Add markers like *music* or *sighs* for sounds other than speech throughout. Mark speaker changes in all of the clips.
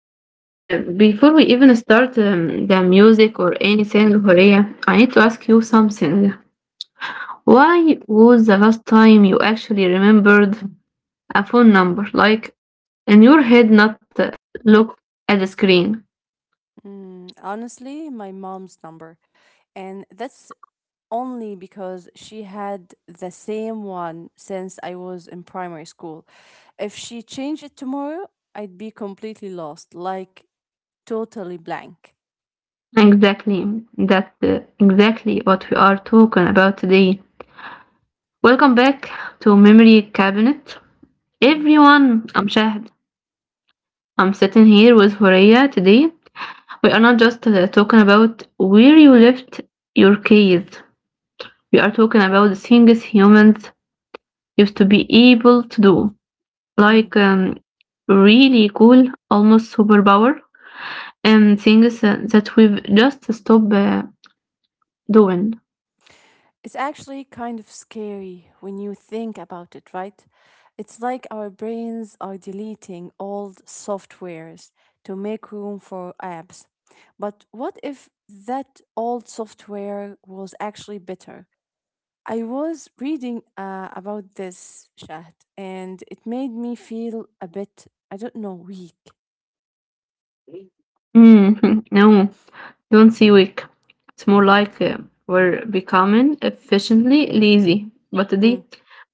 Speaker 1: wait. Before we even start the music or anything, Horea, I need to ask you something. Why was the last time you actually remembered a phone number? Like in your head, not look at the screen.
Speaker 2: Mm, honestly, my mom's number. And that's only because she had the same one since I was in primary school. If she changed it tomorrow, I'd be completely lost, like totally blank.
Speaker 1: Exactly, that's exactly what we are talking about today. Welcome back to Memory Cabinet.
Speaker 2: Mhm,
Speaker 1: Everyone, I'm Shahd. I'm sitting here with Horea today. We are not just talking about where you left your keys. We are talking about the things humans used to be able to do,
Speaker 2: mhm.
Speaker 1: like really cool, almost superpower, and things that we've just stopped doing.
Speaker 2: It's actually kind of scary when you think about it, right? It's like our brains are deleting old softwares to make room for apps. But what if that old software was actually better? I was reading about this, Shahd, and it made me feel a bit, I don't know, weak.
Speaker 1: Mm, *laughs* no, don't see weak. It's more like we're becoming efficiently lazy. But
Speaker 2: Hmm.
Speaker 1: today,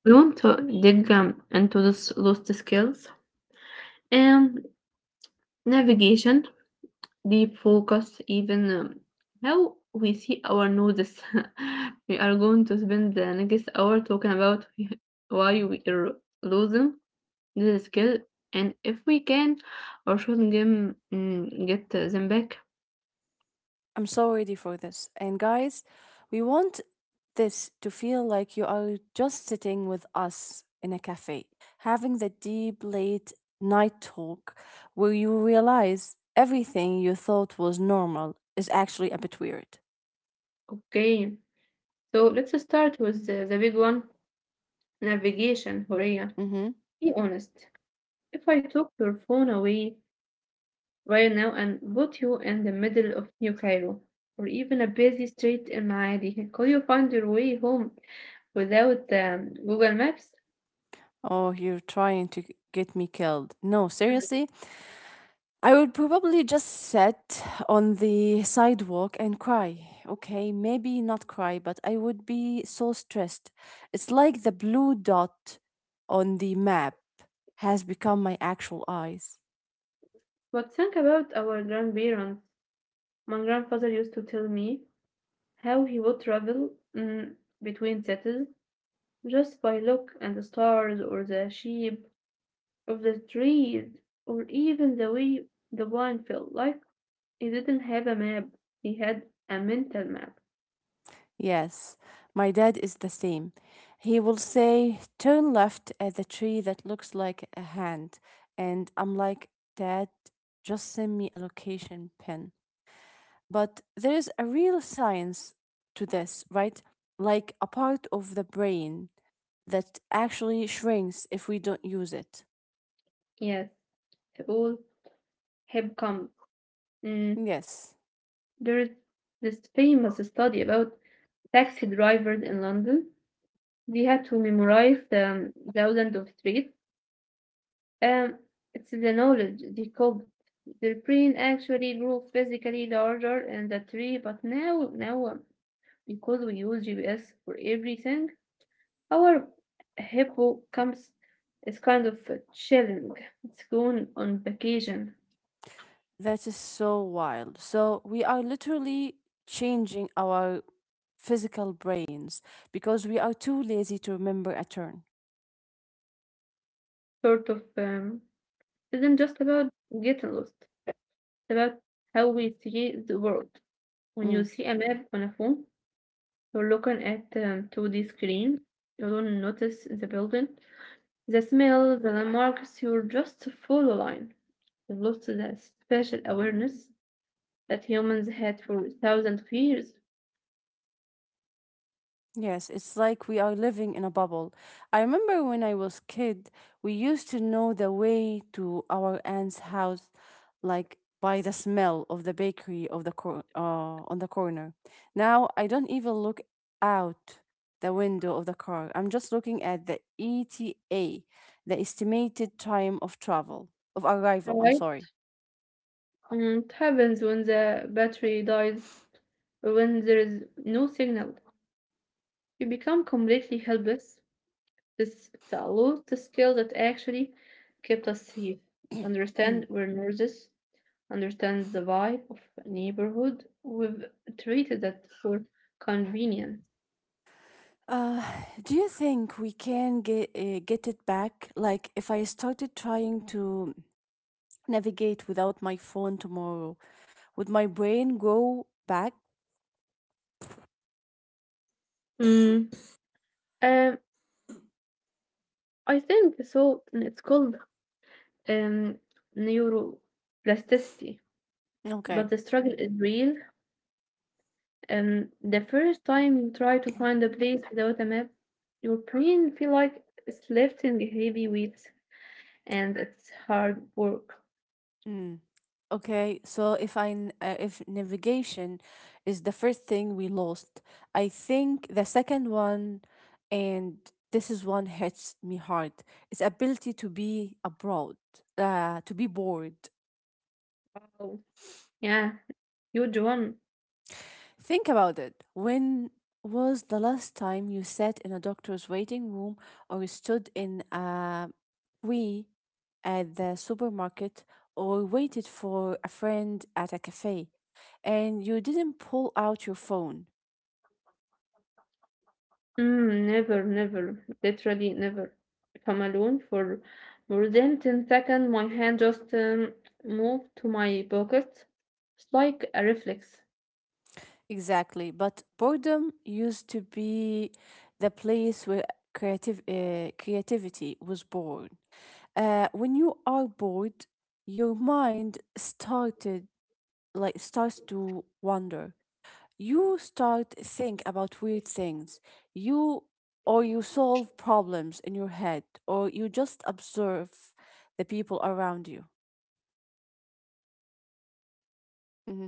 Speaker 1: we want to dig into those lost skills and navigation deep focus, even how we see our nodes. *laughs* We are going to spend the next hour talking about *laughs* why we are losing this skill and if we can or should them, get them back.
Speaker 2: I'm so ready for this. And guys, we want this to feel like you are just sitting with us in a cafe, having the deep late night talk where you realize everything you thought was normal is actually a bit weird.
Speaker 1: Okay, so let's start with the big one navigation, Horea.
Speaker 2: Mm-hmm.
Speaker 1: Be honest. If I took your phone away, right now and put you in the middle of New Cairo or even a busy street in Maadi. Could you find your way home without Google Maps?
Speaker 2: Oh, you're trying to get me killed. No, seriously, I would probably just sit on the sidewalk and cry. Okay, maybe not cry, but I would be so stressed. It's like the blue dot on the map has become my actual eyes.
Speaker 1: But think about our grandparents. My grandfather used to tell me how he would travel mm, between cities just by look and the stars or the sheep or the trees or even the way the wine felt like. He didn't have a map. He had a mental map.
Speaker 2: Yes, my dad is the same. He will say, turn left at the tree that looks like a hand. And I'm like, Dad, just send me a location pin. But there is a real science to this, right? Like a part of the brain that actually shrinks if we don't use it.
Speaker 1: Yes, all have come. Mm,
Speaker 2: Yes,
Speaker 1: there's this famous study about taxi drivers in London. They had to memorize thousands of streets. Um, it's the knowledge they called it. Their brain actually grew physically larger in the tree, but now because we use GPS for everything, our hippocampus is kind of chilling. It's going on vacation,
Speaker 2: that is so wild. So we are literally changing our physical brains because we are too lazy to remember a turn.
Speaker 1: sort of. Isn't just about getting lost. About how we see the world. When you
Speaker 2: Mm.
Speaker 1: see a map on a phone, you're looking at a 2D screen. You don't notice the building, the smell, the landmarks. You are just follow line. You've lost the special awareness that humans had for thousands of years.
Speaker 2: Yes, it's like we are living in a bubble. I remember when I was kid, we used to know the way to our aunt's house, like by the smell of the bakery of on the corner. Now I don't even look out the window of the car. I'm just looking at the ETA, the estimated time of travel of arrival. I'm
Speaker 1: Right?
Speaker 2: sorry.
Speaker 1: And it happens when the battery dies, or when there is no signal. You become completely helpless. This allowed the skill that actually kept us safe.
Speaker 2: *clears throat* Mm.
Speaker 1: Understand we're nurses, understand the vibe of a neighborhood. We've treated that for convenience.
Speaker 2: Uh, do you think we can get it back? Like, if I started trying to navigate without my phone tomorrow? Would my brain go back?
Speaker 1: Mm. Um, I think so. It's called um, neuroplasticity, but the
Speaker 2: Okay.
Speaker 1: struggle is real. And the first time you try to find a place without a map, your brain feel like it's lifting heavy weights, and it's hard work.
Speaker 2: Mm. Okay, so if if navigation is the first thing we lost, I think the second one, and this is one hits me hard. is ability to be bored.
Speaker 1: Wow. Yeah, huge one.
Speaker 2: Think about it. When was the last time you sat in a doctor's waiting room or you stood in a queue at the supermarket or waited for a friend at a cafe and you didn't pull out your phone?
Speaker 1: Mm, never, never, literally never. If I'm alone for more than 10 seconds, my hand just move to my pocket. It's like a reflex.
Speaker 2: Exactly. But boredom used to be the place where creativity was born. When you are bored, your mind started like starts to wonder. You start think about weird things you or you solve problems in your head, or you just observe the people around you. Hmm.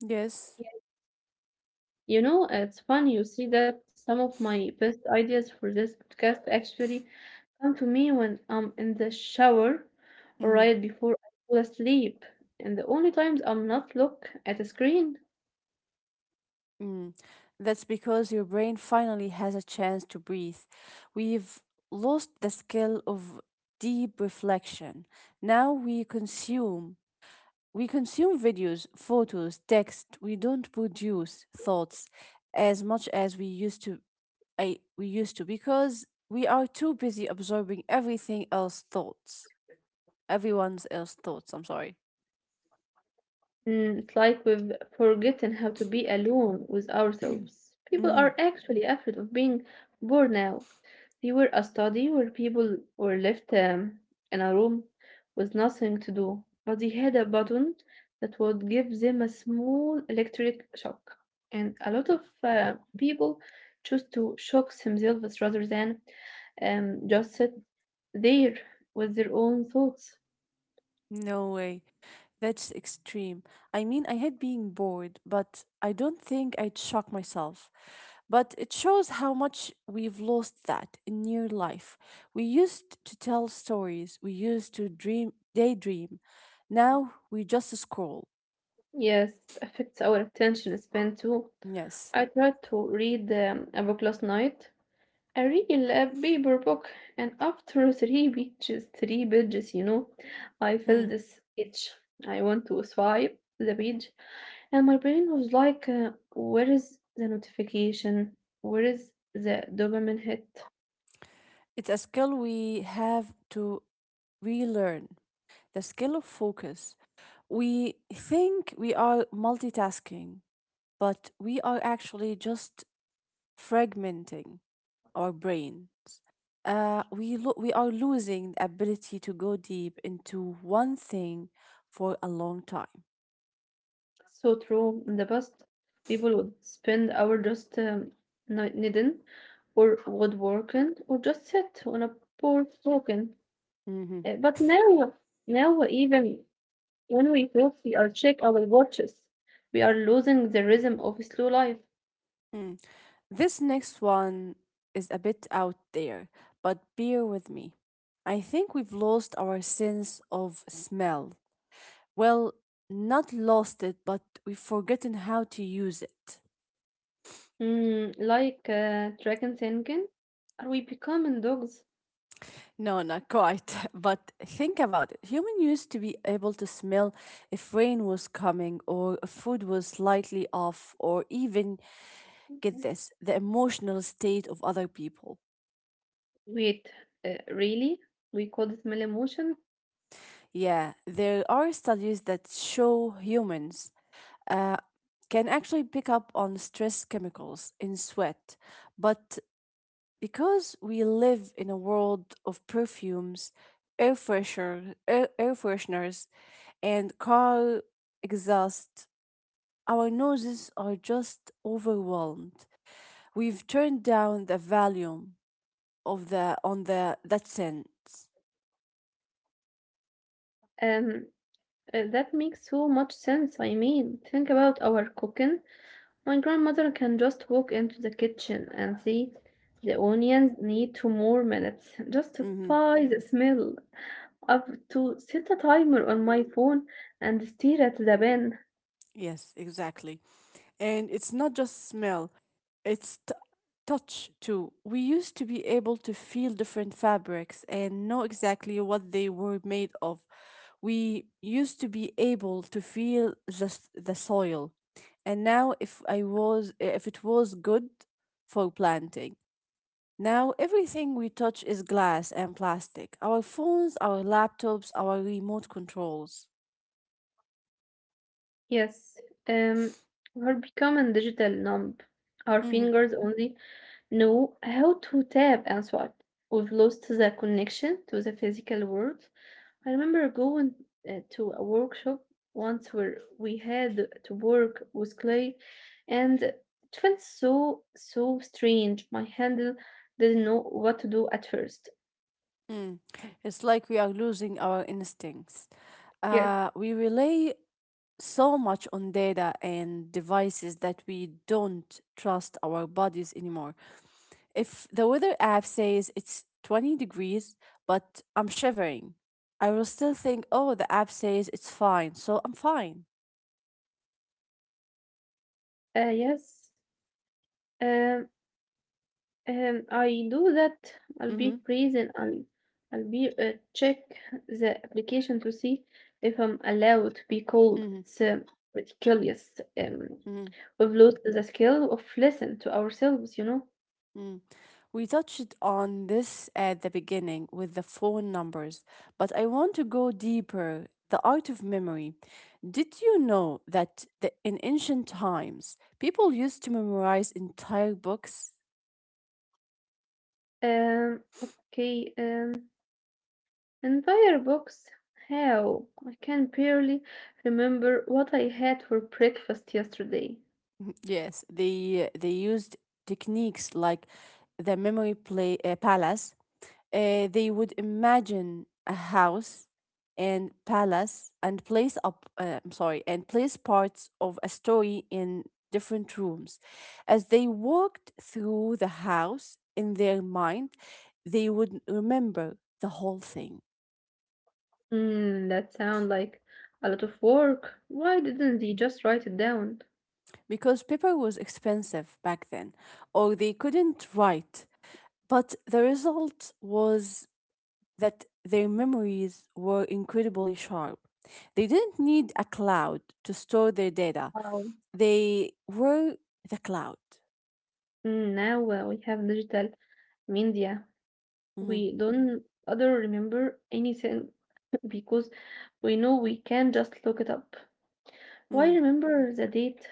Speaker 2: Yes.
Speaker 1: You know, it's funny you see that some of my best ideas for this podcast actually come to me when I'm in the shower or
Speaker 2: Hmm.
Speaker 1: right before I fall asleep. And the only times I'm not look at a screen.
Speaker 2: Mm, that's because your brain finally has a chance to breathe. We've lost the skill of deep reflection. Now we consume We consume videos, photos, text. We don't produce thoughts as much as we used to. Because we are too busy absorbing everything else thoughts. Everyone's else thoughts. I'm sorry. *clears throat*
Speaker 1: Mm, it's like we've forgotten how to be alone with ourselves. People
Speaker 2: Mhm.
Speaker 1: are actually afraid of being bored now. They were a study where people were left in a room with nothing to do, but they had a
Speaker 2: Mm.
Speaker 1: button that would give them a small electric shock. And a lot of people choose to shock themselves rather than just sit there with their own thoughts.
Speaker 2: No way. That's extreme. I mean, I hate being bored, but I don't think I'd shock myself. But it shows how much we've lost that in near life. We used to tell stories, we used to dream, daydream. Now we just scroll.
Speaker 1: Yes, it affects our attention span too.
Speaker 2: Yes.
Speaker 1: I tried to read a book last night, a real paper book, and after *laughs* three pages, you know, I felt
Speaker 2: Mm.
Speaker 1: this itch. I want to swipe the page, and my brain was like, "Where is the notification? Where is the dopamine hit?"
Speaker 2: It's a skill we have to relearn, the skill of focus. We think we are multitasking, but we are actually just fragmenting our brain. We are losing the ability to go deep into one thing for a long time.
Speaker 1: So true. In the past, people would spend hours just knitting or woodworking or just sit on a porch talking.
Speaker 2: Mhm.
Speaker 1: But now, now even when we talk, we are check our watches. We are losing the rhythm of slow life.
Speaker 2: Mm. This next one is a bit out there, but bear with me. I think we've lost our sense of smell. Well, not lost it, but we've forgotten how to use it.
Speaker 1: Mm, like dragon thinking, are we becoming dogs?
Speaker 2: No, not quite. *laughs* But think about it. Human used to be able to smell if rain was coming or if food was slightly off, or even, get this, the emotional state of other people.
Speaker 1: Wait, really? We could smell emotion?
Speaker 2: Yeah, there are studies that show humans uh, can actually pick up on stress chemicals in sweat. But because we live in a world of perfumes, air fresheners, and car exhaust. Our noses are just overwhelmed. We've turned down the volume of the on the that sense.
Speaker 1: Um, That makes so much sense. I mean, think about our cooking. My grandmother can just walk into the kitchen and see the onions need two more minutes *laughs* just
Speaker 2: Hmm.
Speaker 1: by the smell. I've to set a timer on my phone and stare at the bin.
Speaker 2: Yes, exactly. And it's not just smell; it's t- touch too. We used to be able to feel different fabrics and know exactly what they were made of. We used to be able to feel just the soil, and now if I was if it was good for planting. Now, everything we touch is glass and plastic, our phones, our laptops, our remote controls.
Speaker 1: Yes, um, we're becoming digital numb. Our
Speaker 2: Mhm,
Speaker 1: fingers only know how to tap and swipe. We've lost the connection to the physical world. I remember going to a workshop once where we had to work with clay and it felt so strange. My handle didn't know what to do at first.
Speaker 2: mm. It's like we are losing our instincts.
Speaker 1: Yes,
Speaker 2: We rely so much on data and devices that we don't trust our bodies anymore. If the weather app says it's 20 degrees, but I'm shivering, I will still think, oh, the app says it's fine, so I'm fine.
Speaker 1: yes. Um, I do that. I'll be
Speaker 2: Mm-hmm,
Speaker 1: freezing. I'll I'll be check the application to see if I'm allowed to be called.
Speaker 2: mm-hmm,
Speaker 1: It's ridiculous. Um,
Speaker 2: mm-hmm.
Speaker 1: we've lost the skill of listen to ourselves. You know.
Speaker 2: We touched on this at the beginning with the phone numbers, but I want to go deeper. The art of memory. Did you know that, the, in ancient times, people used to memorize entire books?
Speaker 1: Okay, entire box. How? I can barely remember what I had for breakfast yesterday.
Speaker 2: *laughs* Yes, they used techniques like the memory play palace. They would imagine a house and palace and place up I'm sorry, and place parts of a story in different rooms. As they walked through the house in their mind they would remember the whole thing,
Speaker 1: Hmm, that sounds like a lot of work. Why didn't they just write it down?
Speaker 2: because paper was expensive back then, or they couldn't write. But the result was that their memories were incredibly sharp. They didn't need a cloud to store their data,
Speaker 1: Wow.
Speaker 2: they were the cloud.
Speaker 1: Mm, now we have digital media.
Speaker 2: Mhm,
Speaker 1: We don't other remember anything *laughs* because we know we can just look it up. Why
Speaker 2: mhm,
Speaker 1: remember the date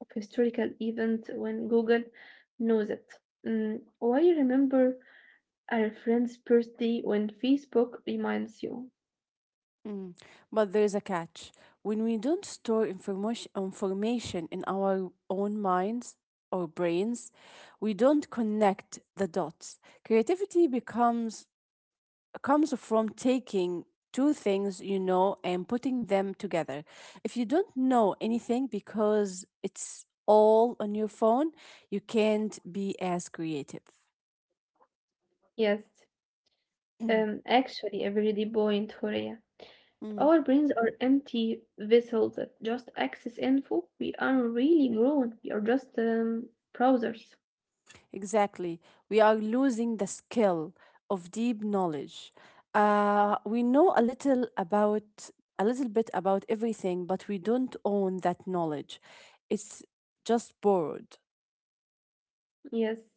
Speaker 1: of historical event when Google knows it. Mm, why remember a friend's birthday when Facebook reminds you?
Speaker 2: mhm. But there's a catch. When we don't store information in our own minds or brains, we don't connect the dots. Creativity becomes comes from taking two things you know and putting them together. If you don't know anything because it's all on your phone, you can't be as creative.
Speaker 1: Yes,
Speaker 2: Mhm,
Speaker 1: actually, a very deep point, Horea.
Speaker 2: mhm.
Speaker 1: Our brains are empty vessels that just access info. We aren't really grown. We are just browsers.
Speaker 2: Exactly. We are losing the skill of deep knowledge. We know a little bit about everything, but we don't own that knowledge. It's just borrowed.
Speaker 1: Yes.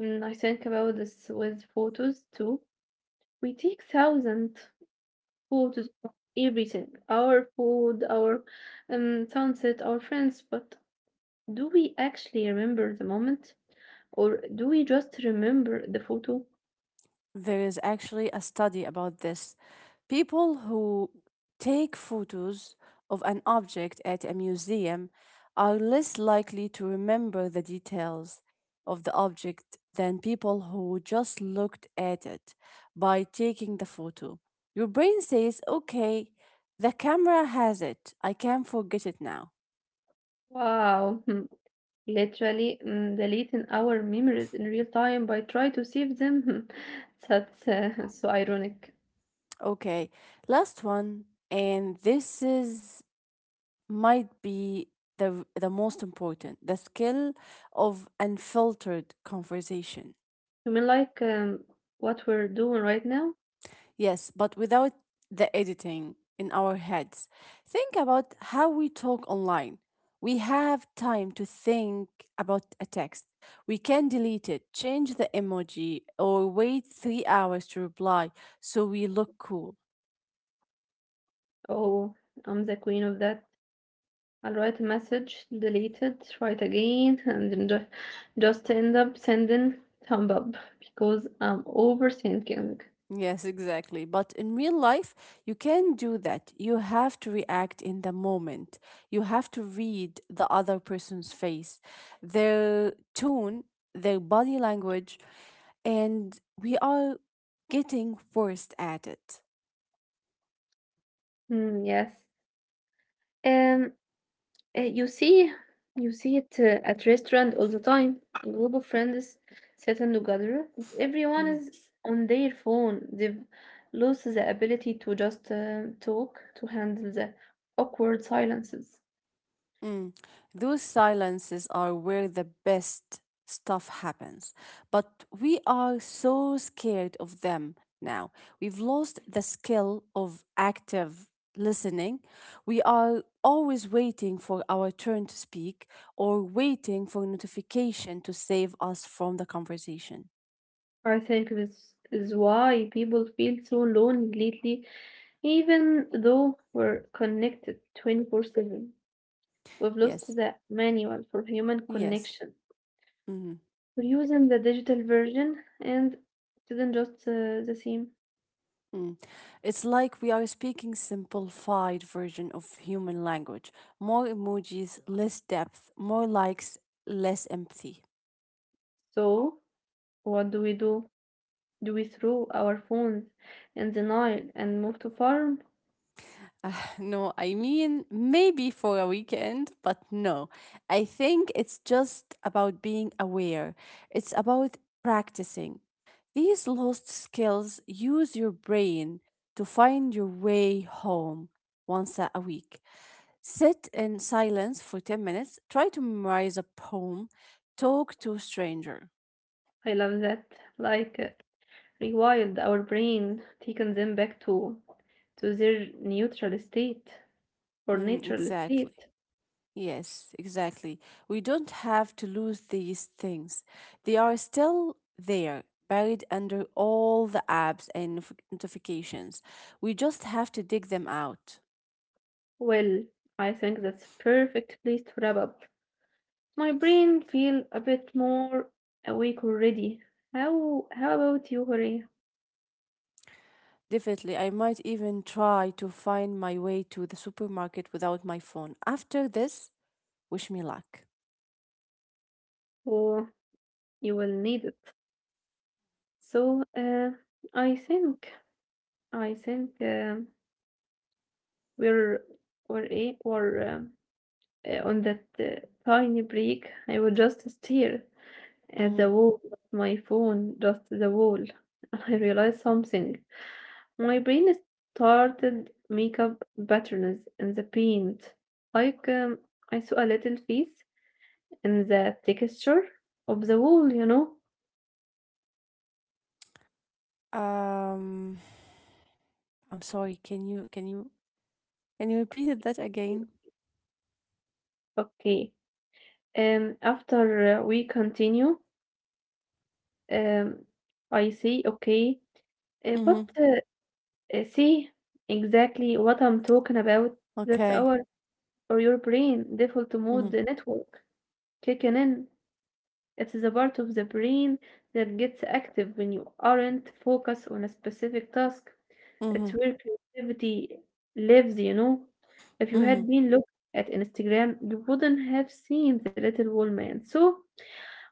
Speaker 1: Mm, I think about this with photos too. We take thousands food is everything, our food, our sunset, our friends. But do we actually remember the moment? Or do we just remember the photo?
Speaker 2: There is actually a study about this. People who take photos of an object at a museum are less likely to remember the details of the object than people who just looked at it. By taking the photo, your brain says, okay, the camera has it. I can't forget it now.
Speaker 1: Wow, hmm, literally deleting our memories in real time by trying to save them. *laughs* That's *laughs* so ironic.
Speaker 2: Okay, last one. And this is might be the the most important, the skill of unfiltered conversation.
Speaker 1: You mean like what we're doing right now?
Speaker 2: Yes, but without the editing in our heads. Think about how we talk online. We have time to think about a text. We can delete it, change the emoji, or wait 3 hours to reply so we look cool.
Speaker 1: Oh, I'm the queen of that. I will write a message, delete it, try it again, and then just end up sending thumb up because I'm overthinking.
Speaker 2: Yes, exactly. But in real life, you can't do that. You have to react in the moment. You have to read the other person's face, their tone, their body language, and we are getting worse at it.
Speaker 1: Mm, yes. Um, you see, you see it at restaurant all the time. A group of friends sitting together, but everyone
Speaker 2: Mm.
Speaker 1: is on their phone. They've lost the ability to just talk, to handle the awkward silences.
Speaker 2: Mm. Those silences are where the best stuff happens. But we are so scared of them now. We've lost the skill of active listening. We are always waiting for our turn to speak, or waiting for notification to save us from the conversation.
Speaker 1: I think this is why people feel so lonely lately, even though we're connected 24/7. We've lost
Speaker 2: Yes.
Speaker 1: the manual for human
Speaker 2: Yes.
Speaker 1: connection.
Speaker 2: Mhm.
Speaker 1: We're using the digital version and didn't just the same.
Speaker 2: Mm. It's like we are speaking simplified version of human language. More emojis, less depth, more likes, less empathy.
Speaker 1: So, what do we do? Do we throw our phones in the Nile and move to farm?
Speaker 2: Uh, no, I mean maybe for a weekend, but no. I think it's just about being aware. It's about practicing. These lost skills, use your brain to find your way home once a week. Sit in silence for 10 minutes. Try to memorize a poem. Talk to a stranger.
Speaker 1: I love that. Like, rewild our brain, taking them back to their neutral state. For
Speaker 2: Mm,
Speaker 1: natural
Speaker 2: exactly.
Speaker 1: state.
Speaker 2: Yes, exactly. We don't have to lose these things. They are still there, buried under all the apps and notifications. We just have to dig them out.
Speaker 1: Well, I think that's a perfect place to wrap up. My brain feel a bit more awake already. How about you, Hori?
Speaker 2: Definitely, I might even try to find my way to the supermarket without my phone. After this, wish me luck.
Speaker 1: Oh, you will need it. So, I think I think we're we're a or on that tiny break. I will just stare at
Speaker 2: Mm.
Speaker 1: the wall, my phone, just the wall. *laughs* I realized something. My brain started makeup patterns in the paint. Like I saw a little face in the texture of the wall, you know.
Speaker 2: Um. I'm sorry. Can you repeat it that again?
Speaker 1: Okay. After we continue, um, I say okay,
Speaker 2: Mm-hmm.
Speaker 1: but see exactly what I'm talking about. That's
Speaker 2: Okay.
Speaker 1: our or your brain default
Speaker 2: Mm-hmm.
Speaker 1: mode network kicking in. It is a part of the brain that gets active when you aren't focused on a specific task. It's
Speaker 2: Mm-hmm.
Speaker 1: where creativity lives, you know. If you
Speaker 2: Mm-hmm.
Speaker 1: had been looking at Instagram, you wouldn't have seen the little old man. So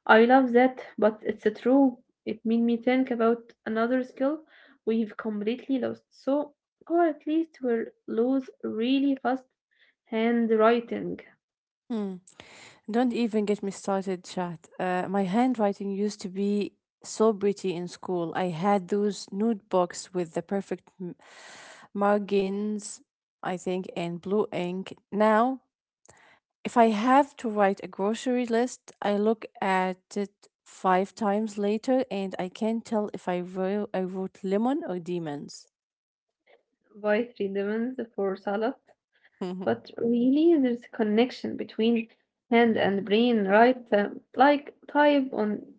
Speaker 1: I love that, but it's a true. It made me think about another skill we've completely lost. So, or at least we'll lose really fast handwriting
Speaker 2: Mm. Don't even get me started, chat. My handwriting used to be so pretty in school. I had those notebooks with the perfect margins, I think, and blue ink. Now, if I have to write a grocery list, I look at it 5 times later and I can't tell if I wrote, I wrote lemon or demons.
Speaker 1: by three demons for salad.
Speaker 2: *laughs*
Speaker 1: But really, there's a connection between hand and brain, right? Like type on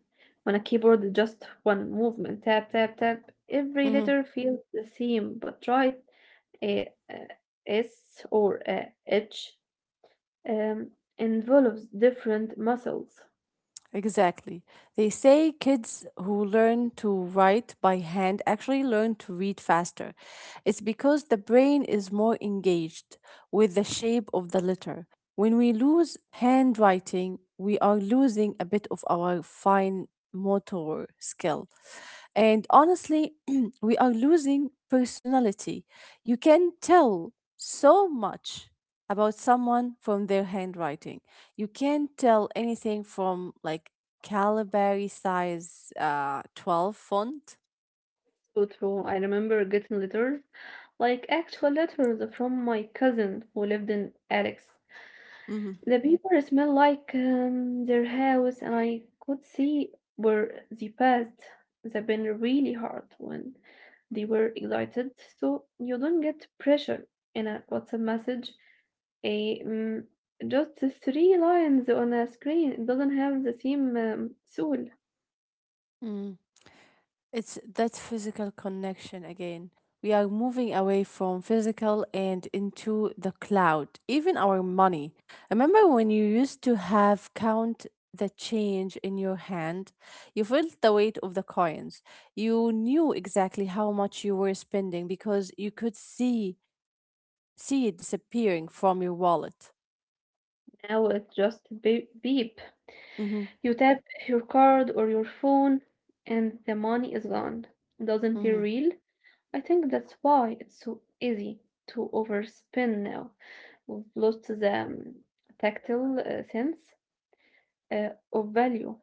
Speaker 1: on a keyboard, just one movement, tap, tap, tap. Every
Speaker 2: Mhm.
Speaker 1: letter feels the same, but right, a S or a H um, involves different muscles.
Speaker 2: Exactly. They say kids who learn to write by hand actually learn to read faster. It's because the brain is more engaged with the shape of the letter. When we lose handwriting, we are losing a bit of our fine motor skill. And honestly, *clears throat* we are losing personality. You can tell so much about someone from their handwriting. You can't tell anything from like Calibari size 12 font.
Speaker 1: So true. I remember getting letters, like actual letters from my cousin who lived in Alex.
Speaker 2: Hmm.
Speaker 1: The paper smelled like their house, and I could see where they passed. They've been really hard when they were excited, so you don't get pressure in a WhatsApp message. A just three lines on a screen. It doesn't have the same soul.
Speaker 2: Mm. It's that physical connection again. We are moving away from physical and into the cloud, even our money. Remember when you used to have count the change in your hand? You felt the weight of the coins. You knew exactly how much you were spending because you could see it disappearing from your wallet.
Speaker 1: Now it just beep, beep. You tap your card or your phone and the money is gone. It doesn't feel
Speaker 2: Mhm.
Speaker 1: real. I think that's why it's so easy to overspend now. We've lost the tactile sense of value.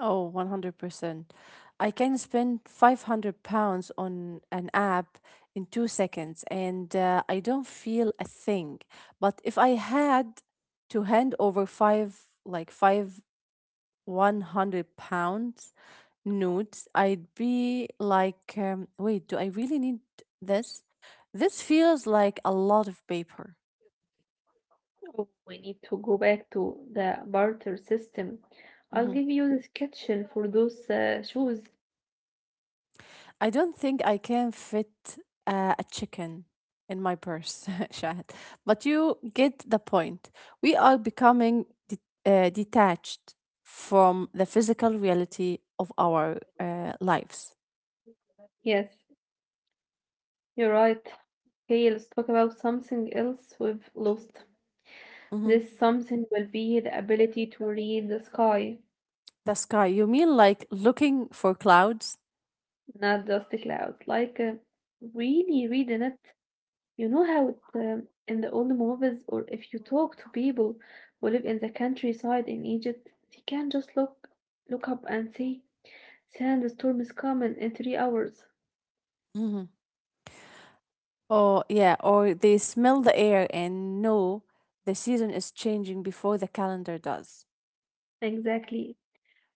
Speaker 2: Oh, 100%. I can spend £500 on an app in 2 seconds and I don't feel a thing. But if I had to hand over five 100 pounds nudes, I'd be like, wait, do I really need this? This feels like a lot of paper.
Speaker 1: Oh, we need to go back to the barter system. I'll
Speaker 2: Mm-hmm.
Speaker 1: give you this kitchen for those shoes.
Speaker 2: I don't think I can fit a chicken in my purse, *laughs* Shahad. But you get the point. We are becoming detached from the physical reality of our lives.
Speaker 1: Yes, you're right. Okay, let's talk about something else we've lost.
Speaker 2: Hmm.
Speaker 1: This something will be the ability to read the sky,
Speaker 2: The sky. You mean like looking for clouds?
Speaker 1: not just the clouds. Like really reading it. You know how it, in the old movies, or if you talk to people who live in the countryside in Egypt, they can just look up and say, "Sandstorm is coming in 3 hours."
Speaker 2: Hmm. Or yeah, or they smell the air and know the season is changing before the calendar does.
Speaker 1: Exactly.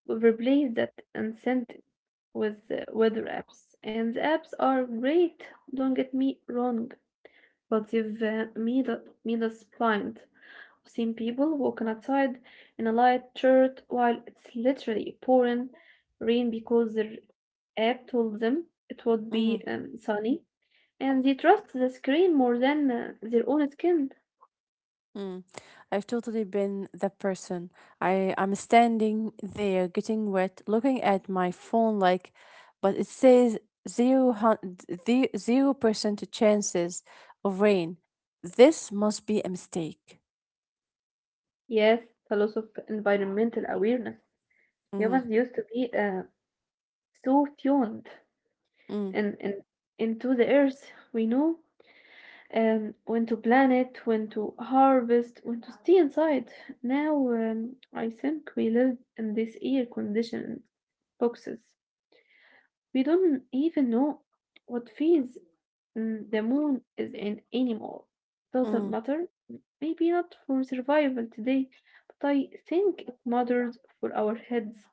Speaker 1: We've replaced that and sent it with weather apps, and the apps are great. Don't get me wrong, but they've made us blind. I've seen people walking outside in a light shirt while it's literally pouring rain because their app told them it would be
Speaker 2: Mhm.
Speaker 1: sunny, and they trust the screen more than their own skin.
Speaker 2: Mm. I've totally been that person. I'm standing there getting wet, looking at my phone like, but it says zero hun- the 0% chances of rain. This must be a mistake.
Speaker 1: Yes, it's a loss of environmental awareness.
Speaker 2: Mm-hmm.
Speaker 1: Humans used to be so tuned
Speaker 2: Mm,
Speaker 1: in, in, into the earth we know when to plan it, when to harvest, when to stay inside. Now, I think we live in these air conditioned boxes. We don't even know what phase the moon is in anymore. Doesn't
Speaker 2: mm,
Speaker 1: matter. Maybe not for survival today, but I think it matters for our heads.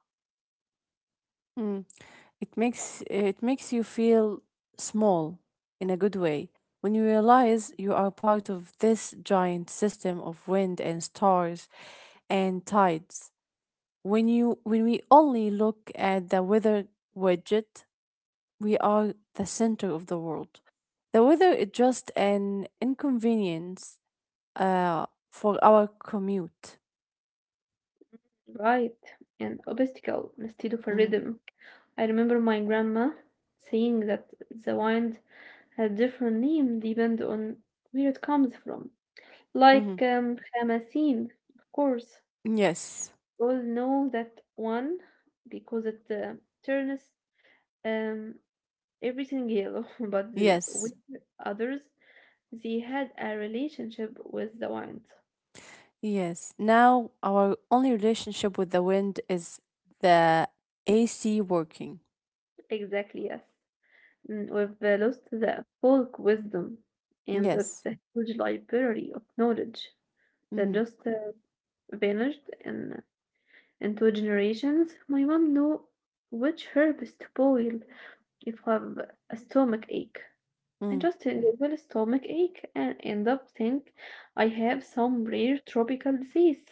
Speaker 2: mm. It makes you feel small in a good way when you realize you are part of this giant system of wind and stars and tides. When we only look at the weather widget, we are the center of the world. The weather is just an inconvenience uh, for our commute.
Speaker 1: Right, an obstacle instead of a
Speaker 2: Mhm,
Speaker 1: rhythm. I remember my grandma saying that the wind had different name depend on where it comes from.
Speaker 2: mhm.
Speaker 1: Like Hamasine, of course.
Speaker 2: Yes,
Speaker 1: We all know that one because it turns um, everything yellow, *laughs* but the,
Speaker 2: yes,
Speaker 1: with others, they had a relationship with the wind.
Speaker 2: yes. Now our only relationship with the wind is the AC working.
Speaker 1: Exactly, yes. Mm, we've lost the folk wisdom, and that's
Speaker 2: Yes.
Speaker 1: a huge library of knowledge
Speaker 2: Mm-hmm.
Speaker 1: that just vanished in, into generations. My mom knew which herbs to boil if I have a stomach ache. I just Google stomach ache and end up think I have some rare tropical disease.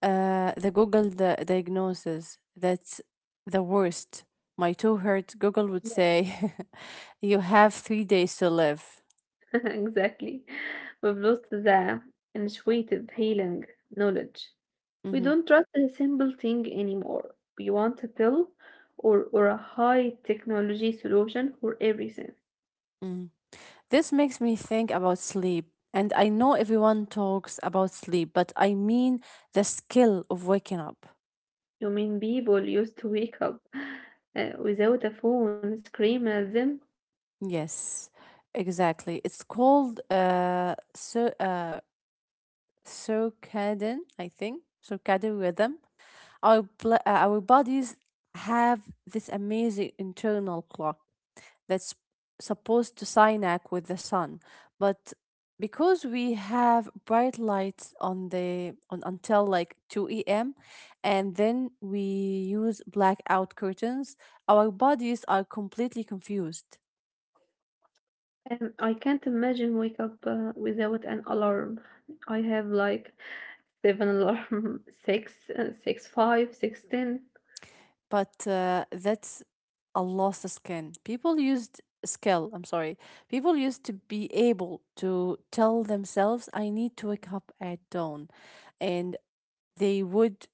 Speaker 2: The Google the diagnosis, that's the worst. My toe hurt. Google would
Speaker 1: Yeah,
Speaker 2: say, *laughs* "You have 3 days to live."
Speaker 1: *laughs* exactly. We've lost the intuitive healing knowledge. We
Speaker 2: Hmm.
Speaker 1: don't trust a simple thing anymore. We want a pill or a high technology solution for everything.
Speaker 2: Mm. This makes me think about sleep, and I know everyone talks about sleep, but I mean the skill of waking up.
Speaker 1: You mean people used to wake up without a phone, scream at them.
Speaker 2: Yes, exactly. It's called so, circadian, I think, circadian rhythm. Our bodies have this amazing internal clock that's supposed to sync with the sun, but because we have bright lights on until like 2 a.m. and then we use blackout curtains, our bodies are completely confused.
Speaker 1: And I can't imagine wake up without an alarm. I have like seven alarm, *laughs* six, six, five, six, ten.
Speaker 2: But that's a lost skin. People used skill, I'm sorry. People used to be able to tell themselves I need to wake up at dawn and they would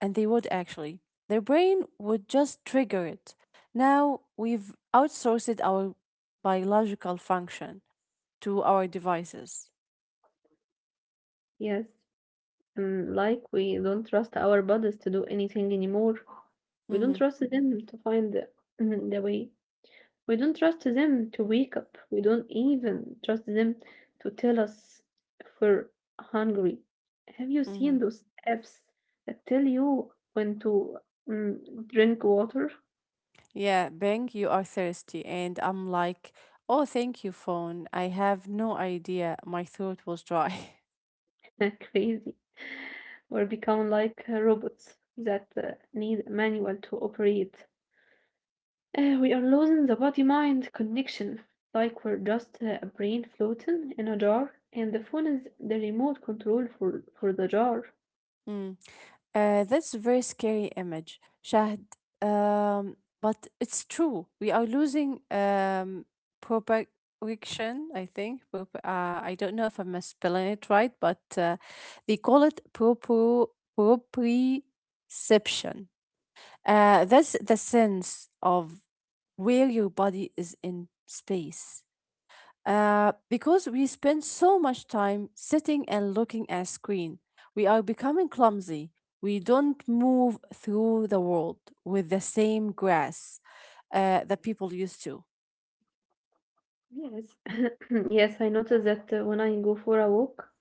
Speaker 2: and they would actually. Their brain would just trigger it. Now we've outsourced our biological function to our devices.
Speaker 1: Yes, and like we don't trust our bodies to do anything anymore. We don't
Speaker 2: Mm-hmm.
Speaker 1: trust them to find the, *laughs* the way. We don't trust them to wake up. We don't even trust them to tell us if we're hungry. Have you
Speaker 2: Mm-hmm.
Speaker 1: seen those apps that tell you when to mm, drink water?
Speaker 2: Yeah, Bang, you are thirsty. And I'm like, oh, thank you, phone. I have no idea. My throat was dry. *laughs*
Speaker 1: *laughs* Crazy. Or become like robots that need a manual to operate. We are losing the body mind connection, like we're just a brain floating in a jar, and the phone is the remote control for the jar.
Speaker 2: Mm. That's a very scary image, Shahd. But it's true. We are losing propagation, I think. I don't know if I'm spelling it right, but they call it proprioception. That's the sense of where your body is in space. Because we spend so much time sitting and looking at screen, we are becoming clumsy. We don't move through the world with the same grace that people used to.
Speaker 1: Yes, *clears throat* yes, I noticed that when I go for a walk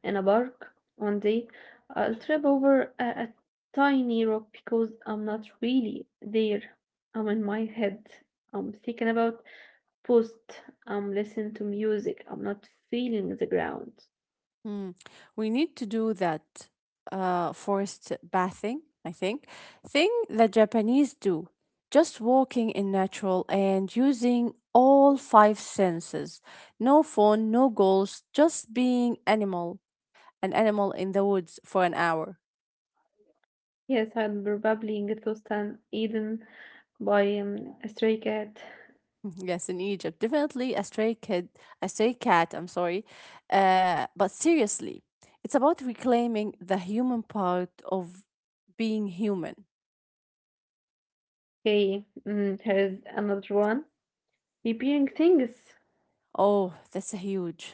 Speaker 1: in a park one day, I'll trip over a tiny rock because I'm not really there. I'm in my head. I'm thinking about post. I'm listening to music. I'm not feeling the ground.
Speaker 2: Hmm. We need to do that forest bathing, I think, thing that Japanese do. Just walking in natural and using all five senses. No phone, no goals, just being animal an animal in the woods for an hour.
Speaker 1: Yes, I'd probably get lost and eaten by a stray cat.
Speaker 2: *laughs* Yes, in Egypt, definitely a stray kid, a stray cat. I'm sorry, but seriously, it's about reclaiming the human part of being human.
Speaker 1: Okay, mm, here's another one. Repairing things?
Speaker 2: Oh, that's a huge.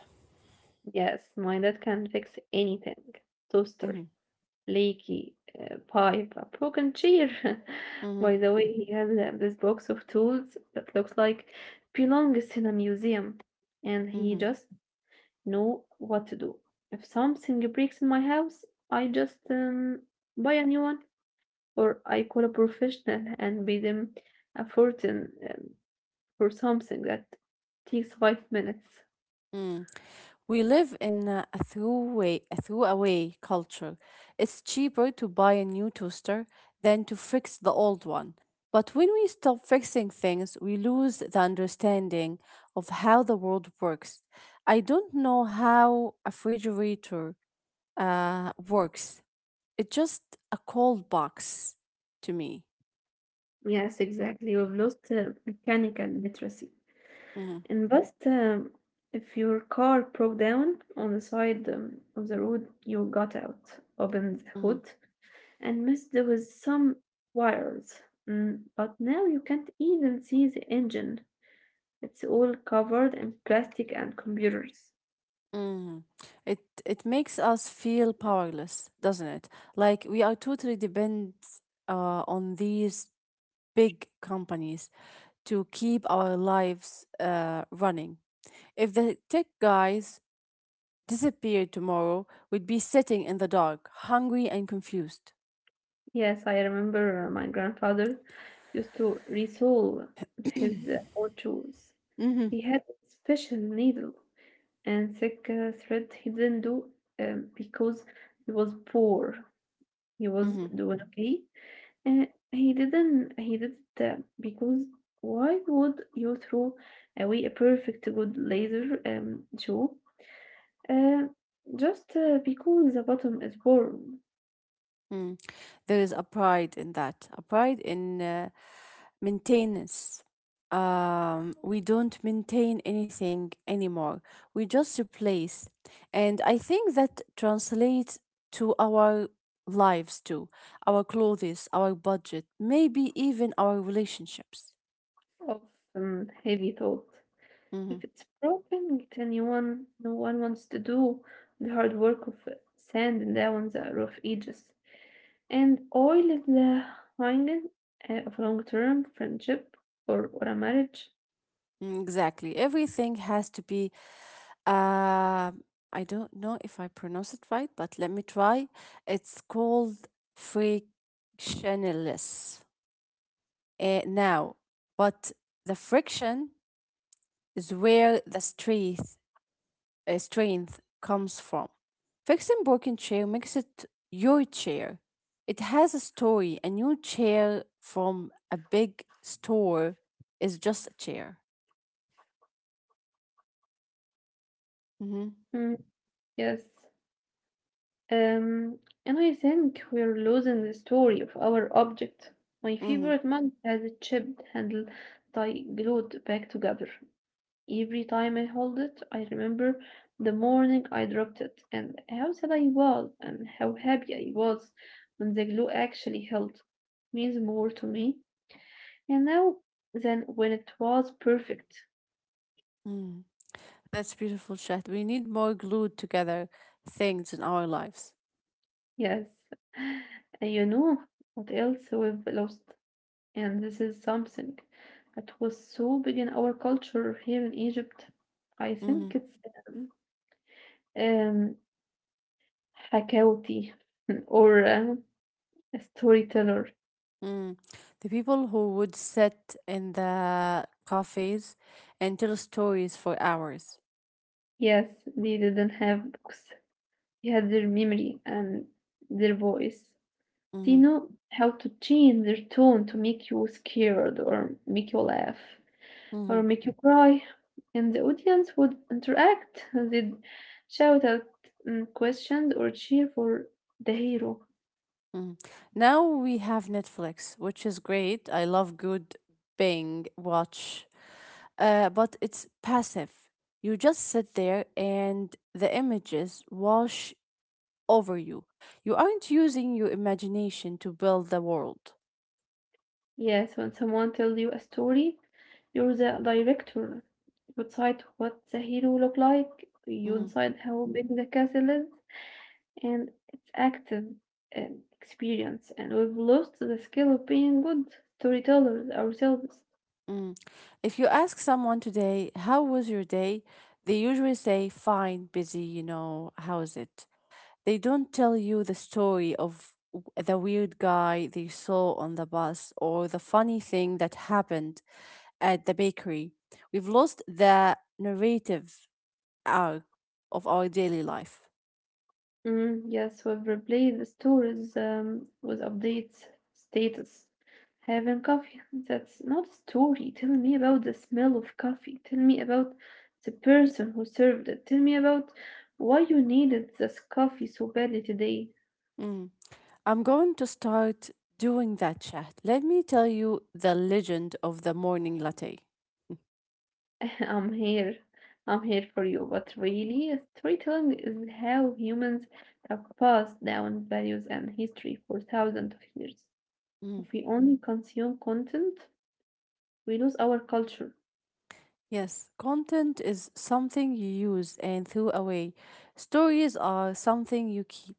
Speaker 1: Yes, my dad can fix anything. Toaster,
Speaker 2: Mm-hmm,
Speaker 1: leaky pipe, a broken chair. *laughs*
Speaker 2: mm-hmm,
Speaker 1: By the way, he has this box of tools that looks like belongs in a museum, and he
Speaker 2: mm-hmm.
Speaker 1: just know what to do. If something breaks in my house, I just buy a new one, or I call a professional and pay them a fortune for something that takes 5 minutes.
Speaker 2: Mm. We live in a throwaway culture. It's cheaper to buy a new toaster than to fix the old one. But when we stop fixing things, we lose the understanding of how the world works. I don't know how a refrigerator works. It's just a cold box to me.
Speaker 1: Yes, exactly. We've lost mechanical literacy.
Speaker 2: Mhm,
Speaker 1: And but if your car broke down on the side of the road, you got out, opened the
Speaker 2: mhm.
Speaker 1: hood, and messed with some wires. Mm, but now you can't even see the engine. It's all covered in plastic and computers.
Speaker 2: Mm. It it makes us feel powerless, doesn't it? Like we are totally dependent on these big companies to keep our lives running. If the tech guys disappeared tomorrow, we'd be sitting in the dark, hungry and confused.
Speaker 1: Yes, I remember my grandfather used to resolve
Speaker 2: *coughs*
Speaker 1: his
Speaker 2: *clears throat*
Speaker 1: old shoes. He
Speaker 2: Mm-hmm.
Speaker 1: had a special needle and thick thread he didn't do because he was poor he was
Speaker 2: Mm-hmm.
Speaker 1: doing okay and he didn't he did that because why would you throw away a perfect good laser show uh, just because the bottom is worn
Speaker 2: Mm. There is a pride in that, a pride in maintenance. We don't maintain anything anymore. We just replace. And I think that translates to our lives too, our clothes, our budget, maybe even our relationships.
Speaker 1: of heavy thought
Speaker 2: Mhm.
Speaker 1: if it's broken it anyone no one wants to do the hard work of sanding down the rough edges And oil is the hanging of long-term friendship or a marriage.
Speaker 2: Mm, exactly. Everything has to be, uh, I don't know if I pronounce it right, but let me try. It's called frictionless now, but the friction is where the strength comes from. Fixing broken chair makes it your chair. It has a story. A new chair from a big store is just a chair. Hmm.
Speaker 1: Mm, yes. Um, and I think we're losing the story of our object. My
Speaker 2: Hmm.
Speaker 1: favorite mug has a chipped handle that I glued back together. Every time I hold it, I remember the morning I dropped it and how sad I was and how happy I was when the glue actually held. Means more to me, you know, then when it was perfect,
Speaker 2: Mm. That's beautiful, Chat. We need more glued together things in our lives.
Speaker 1: yes. And you know what else we've lost, and this is something that was so big in our culture here in Egypt. I
Speaker 2: Hmm.
Speaker 1: think it's um, um Hakawti *laughs* or a storyteller.
Speaker 2: Mm. The people who would sit in the cafes and tell stories for hours.
Speaker 1: Yes, they didn't have books, they had their memory and their voice. They
Speaker 2: Hmm.
Speaker 1: know how to change their tone to make you scared or make you laugh,
Speaker 2: Hmm.
Speaker 1: or make you cry, and the audience would interact. They'd shout out questions or cheer for the hero.
Speaker 2: Mm. Now we have Netflix, which is great. I love good Bing watch, but it's passive. You just sit there and the images wash over you. You aren't using your imagination to build the world.
Speaker 1: Yes, when someone tells you a story, you're the director. You decide what the hero look like, you
Speaker 2: Mhm,
Speaker 1: decide how big the castle is, and it's active uh, experience. And we've lost the skill of being good storytellers ourselves.
Speaker 2: mm. If you ask someone today, how was your day? They usually say, fine, busy, you know, how's it? They don't tell you the story of the weird guy they saw on the bus or the funny thing that happened at the bakery. We've lost the narrative arc of our daily life.
Speaker 1: Mm, yes, we've replaced the stories with updates, status. Having coffee, that's not a story. Tell me about the smell of coffee. Tell me about the person who served it. Tell me about why you needed this coffee so badly today.
Speaker 2: Mm. I'm going to start doing that chat. Let me tell you the legend of the morning latte. *laughs*
Speaker 1: *laughs* I'm here. I'm here for you. But really, storytelling is how humans have passed down values and history for thousands of years.
Speaker 2: Mm.
Speaker 1: If we only consume content, we lose our culture.
Speaker 2: Yes, content is something you use and threw away. Stories are something you keep.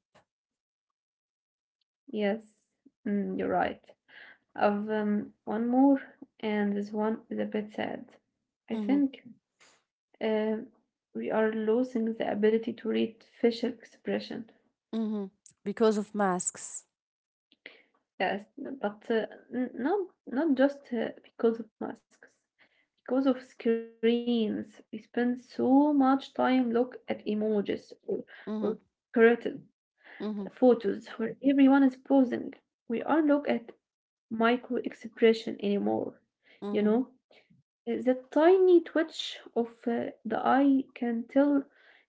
Speaker 1: Yes, mm, you're right. I've one more, and this one is a bit sad. I
Speaker 2: Hmm.
Speaker 1: think uh, we are losing the ability to read facial expression.
Speaker 2: Hmm. Because of masks.
Speaker 1: Yes, but n- not not just because of masks, because of screens. We spend so much time look at emojis or
Speaker 2: Hmm,
Speaker 1: curated
Speaker 2: hmm,
Speaker 1: photos where everyone is posing. We aren't look at micro expression anymore, you
Speaker 2: hmm,
Speaker 1: know. The tiny twitch of the eye can tell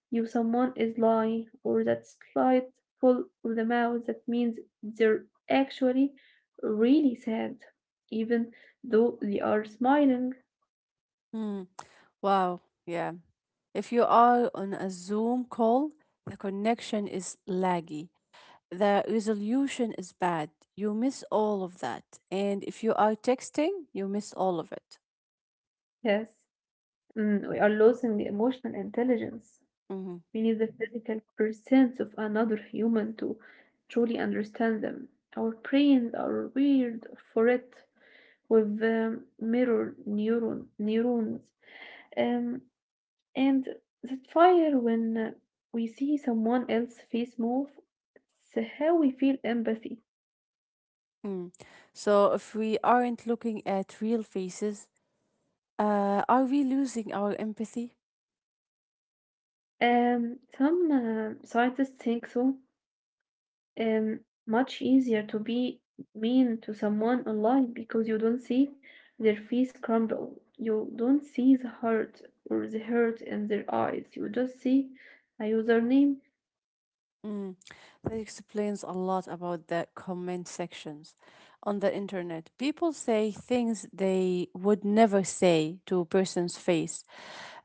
Speaker 1: you someone is lying, or that slight pull of the mouth that means they're actually really sad, even though they are smiling.
Speaker 2: hmm. Wow. Yeah. If you are on a Zoom call, the connection is laggy. The resolution is bad. You miss all of that. And if you are texting, you miss all of it.
Speaker 1: Yes, mm, we are losing the emotional intelligence.
Speaker 2: Hmm.
Speaker 1: We need the physical presence of another human to truly understand them. Our brains are weird for it with mirror neurons, Um, and that fire when we see someone else's face move, it's how we feel empathy.
Speaker 2: Mm. So if we aren't looking at real faces, are we losing our empathy?
Speaker 1: Some scientists think so. Um, much easier to be mean to someone online because you don't see their face crumble. You don't see the hurt in their eyes. You just see a username.
Speaker 2: Mm, that explains a lot about the comment sections on the internet. People say things they would never say to a person's face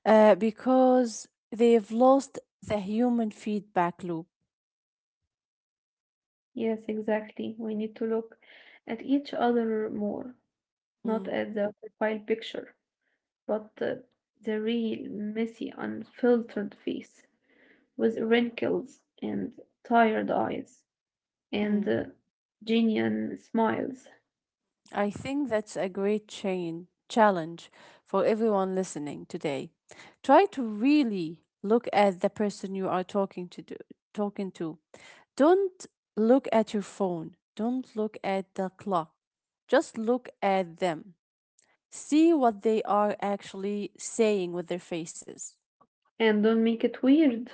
Speaker 2: because they've lost the human feedback loop.
Speaker 1: Yes, exactly. We need to look at each other more, not
Speaker 2: Mm,
Speaker 1: at the profile picture. But the real, messy, unfiltered face with wrinkles and tired eyes and
Speaker 2: mm.
Speaker 1: genuine smiles.
Speaker 2: I think that's a great chain challenge for everyone listening today. Try to really look at the person you are talking to. Don't look at your phone. Don't look at the clock. Just look at them. See what they are actually saying with their faces.
Speaker 1: And don't make it weird.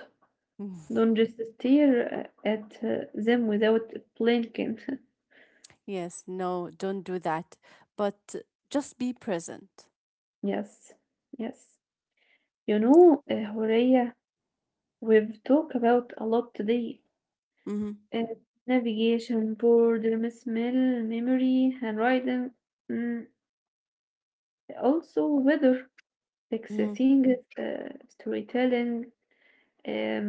Speaker 2: Mhm.
Speaker 1: Don't just stare at them without blinking. *laughs*
Speaker 2: Yes, no, don't do that. But just be present.
Speaker 1: Yes, yes. You know, Horea, we've talked about a lot today.
Speaker 2: Hmm.
Speaker 1: Uh, navigation, boredom, smell, memory, handwriting, mm, also weather. Like
Speaker 2: Hmm.
Speaker 1: seeing it, storytelling um,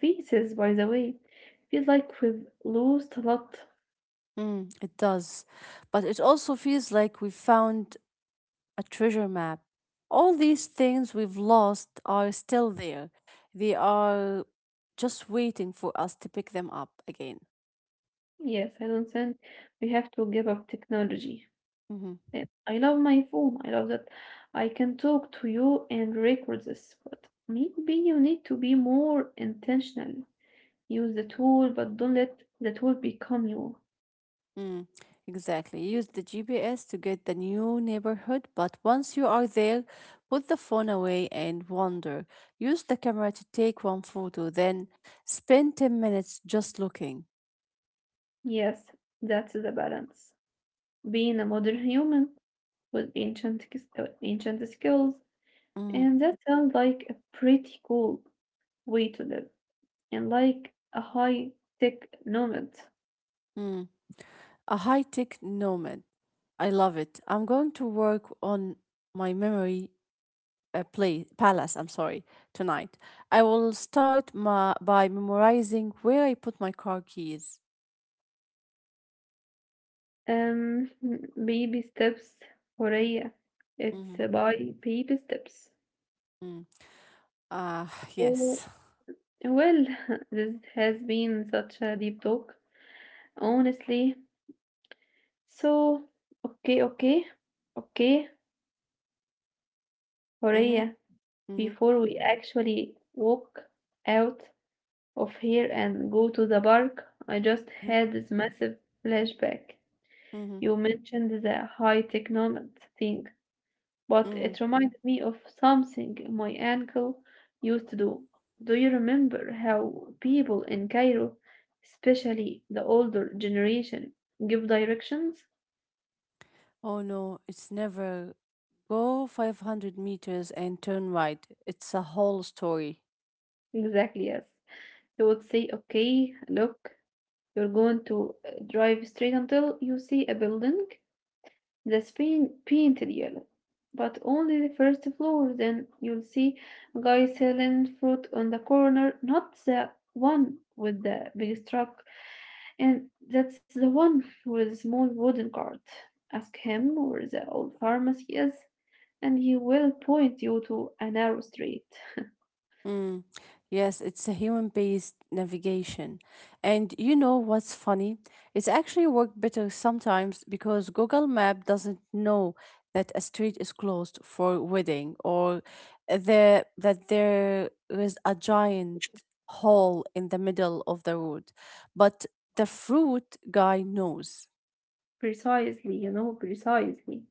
Speaker 1: pieces, by the way, feels like we've lost a lot.
Speaker 2: Mm, it does. But it also feels like we found a treasure map. All these things we've lost are still there. They are just waiting for us to pick them up again.
Speaker 1: Yes, I don't think we have to give up technology.
Speaker 2: Mhm.
Speaker 1: I love my phone. I love that I can talk to you and record this, but maybe you need to be more intentional. Use the tool, but don't let the tool become you.
Speaker 2: Mm, exactly. Use the GPS to get the new neighborhood, but once you are there, put the phone away and wander. Use the camera to take one photo, then spend 10 minutes just looking.
Speaker 1: Yes, that's the balance. Being a modern human with ancient skills.
Speaker 2: Mm,
Speaker 1: And that sounds like a pretty cool way to live and like a high tech nomad.
Speaker 2: mm. A high tech nomad. I love it. I'm going to work on my memory palace, I'm sorry, tonight. I will start by memorizing where I put my car keys.
Speaker 1: Um, *laughs* baby steps, Horea. It's
Speaker 2: Mm-hmm.
Speaker 1: by baby steps.
Speaker 2: Mm. Ah, *sighs*
Speaker 1: So,
Speaker 2: yes.
Speaker 1: well, *laughs* this has been such a deep talk, honestly. So, okay, okay, okay,
Speaker 2: Mm-hmm.
Speaker 1: Horea,
Speaker 2: Mhm,
Speaker 1: before we actually walk out of here and go to the park, I just
Speaker 2: mhm,
Speaker 1: had this massive flashback.
Speaker 2: mhm,
Speaker 1: You mentioned the high technology thing, but
Speaker 2: mhm.
Speaker 1: it reminded me of something my uncle used to do. Do you remember how people in Cairo, especially the older generation, give directions?
Speaker 2: Oh no, it's never go 500 meters and turn right. It's a whole story.
Speaker 1: Exactly, yes. They would say, okay, look, you're going to drive straight until you see a building that's painted yellow. But only the first floor, then you'll see a guy selling fruit on the corner, not the one with the big truck, and that's the one with the small wooden cart. Ask him where the old pharmacy is, and he will point you to a narrow street.
Speaker 2: Mm, yes, it's a human-based navigation. And you know what's funny? It's actually worked better sometimes because Google Map doesn't know that a street is closed for wedding or the that there is a giant hole in the middle of the road. But the fruit guy knows.
Speaker 1: Precisely, you know, precisely.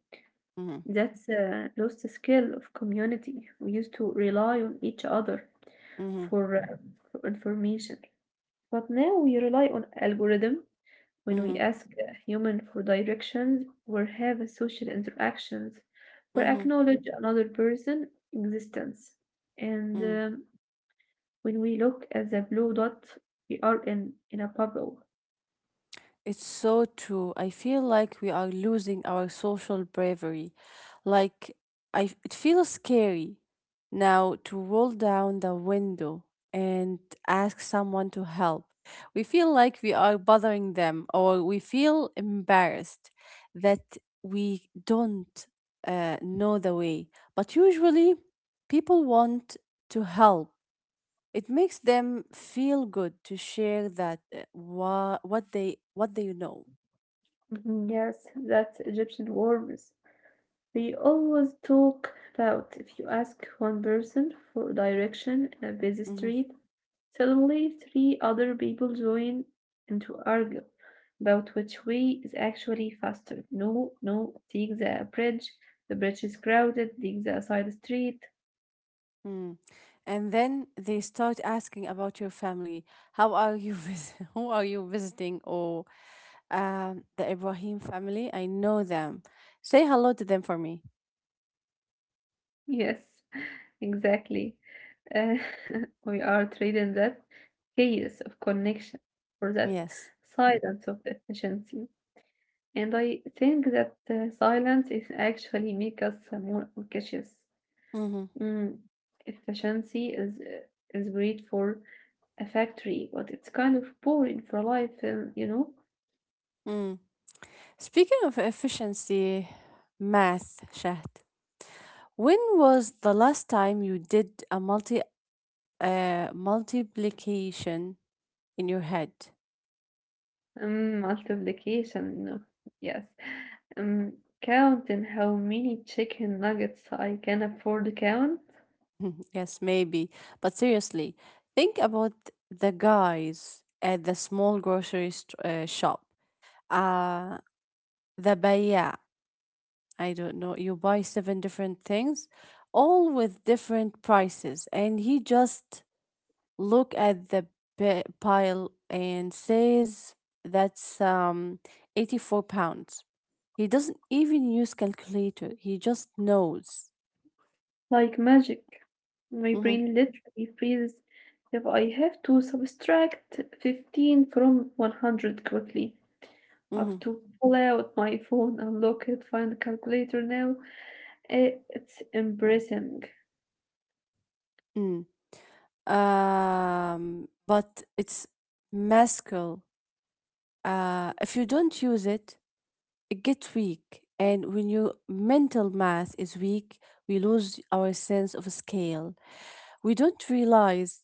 Speaker 2: Mm-hmm,
Speaker 1: That's a lost the skill of community. We used to rely on each other
Speaker 2: mm-hmm,
Speaker 1: for, uh, for information. But now we rely on algorithm when we
Speaker 2: mm-hmm,
Speaker 1: ask a human for directions or have social interactions or
Speaker 2: mm-hmm,
Speaker 1: acknowledge another person' existence. And
Speaker 2: mm-hmm.
Speaker 1: When we look at the blue dot, we are in a bubble.
Speaker 2: It's so true. I feel like we are losing our social bravery. Like I it feels scary now to roll down the window and ask someone to help. We feel like we are bothering them or we feel embarrassed that we don't know the way. But usually people want to help. It makes them feel good to share that what they know.
Speaker 1: Mhm. Yes, that's Egyptian worms. We always talk about if you ask one person for direction in a busy street, suddenly three other people join and to argue about which way is actually faster. No, no, take the bridge. The bridge is crowded. Take the side street.
Speaker 2: Mhm. And then they start asking about your family. How are you *laughs* who are you visiting or the Ibrahim family? I know them. Say hello to them for me.
Speaker 1: Yes, *laughs* exactly. Uh, *laughs* we are trading that chaos of connection for that
Speaker 2: Yes.
Speaker 1: silence of efficiency. And I think that silence is actually make us more cautious.
Speaker 2: Mm-hmm.
Speaker 1: Mm. Efficiency is great for a factory, but it's kind of boring for life.
Speaker 2: Mm. Speaking of efficiency math, Shahd, when was the last time you did a multiplication in your head?
Speaker 1: Multiplication, no. Yes. Um, counting how many chicken nuggets I can afford to count,
Speaker 2: *laughs* Yes, maybe. But seriously, think about the guys at the small grocery shop. Uh, the bayya. I don't know. You buy seven different things, all with different prices, and he just look at the pile and says that's £84. He doesn't even use calculator. He just knows.
Speaker 1: like magic. My
Speaker 2: Mm-hmm,
Speaker 1: brain literally freezes if I have to subtract 15 from 100 quickly. I have
Speaker 2: mm-hmm.
Speaker 1: to pull out my phone, unlock it, find the calculator now. Eh, it's embarrassing.
Speaker 2: But it's masculine. If you don't use it, it gets weak. And when your mental math is weak, we lose our sense of scale. We don't realize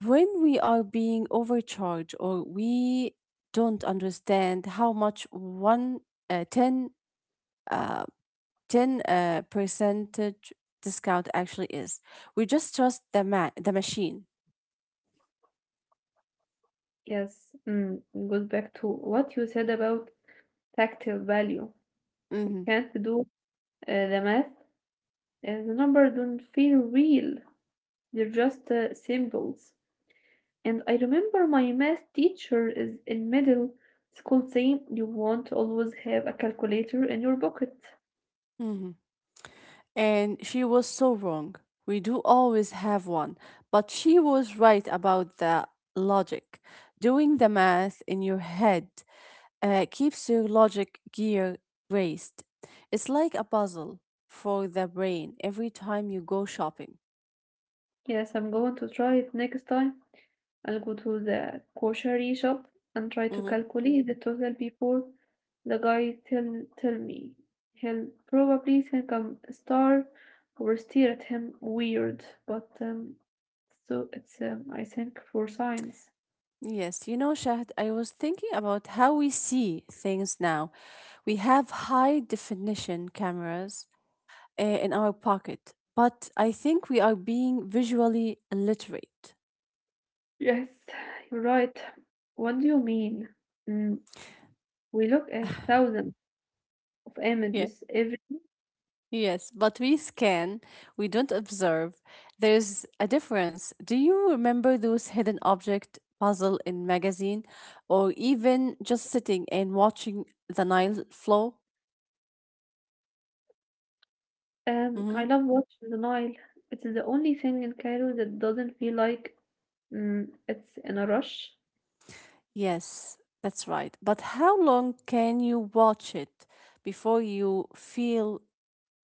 Speaker 2: when we are being overcharged or we don't understand how much one 10 uh, 10 uh, percentage discount actually is. We just trust the the machine.
Speaker 1: Yes, mm, goes back to what you said about tactile value. You
Speaker 2: Hmm
Speaker 1: can't do the math. The numbers don't feel real. They're just symbols. And I remember my math teacher is in middle school saying you won't always have a calculator in your pocket.
Speaker 2: hmm And she was so wrong. We do always have one, but she was right about the logic. Doing the math in your head keeps your logic gear raised. It's like a puzzle for the brain every time you go shopping.
Speaker 1: Yes, I'm going to try it next time. I'll go to the grocery shop and try to
Speaker 2: Hmm
Speaker 1: calculate the total before the guy tell me. He'll probably think I'm a star or stare at him weird, but so it's I think for science.
Speaker 2: Yes, you know, Shahd, I was thinking about how we see things now. We have high definition cameras in our pocket, but I think we are being visually illiterate.
Speaker 1: Yes, you're right. What do you mean? Mm, we look at thousands of
Speaker 2: Yeah.
Speaker 1: images every.
Speaker 2: Yes, but we scan, we don't observe. There's a difference. Do you remember those hidden object puzzle in magazine or even just sitting and watching the Nile flow?
Speaker 1: I
Speaker 2: Hmm
Speaker 1: love watching the Nile. It's the only thing in Cairo that doesn't feel like, mm, it's in a rush.
Speaker 2: Yes, that's right. But how long can you watch it before you feel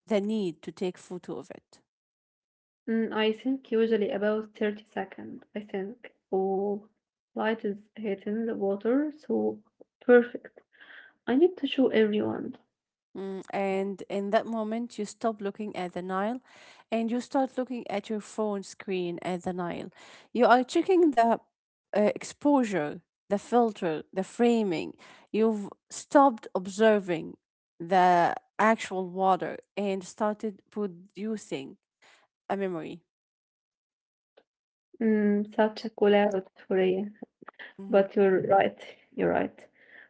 Speaker 2: the need to take photo of it?
Speaker 1: Mm, I think usually about 30 seconds, I think. Oh, light is hitting the water, so perfect. I need to show everyone.
Speaker 2: Mm, and in that moment, you stop looking at the Nile and you start looking at your phone screen at the Nile. You are checking the exposure, the filter, the framing. You've stopped observing the actual water and started producing a memory.
Speaker 1: Mm, such a cool collab for you.
Speaker 2: Mhm.
Speaker 1: But you're right. You're right.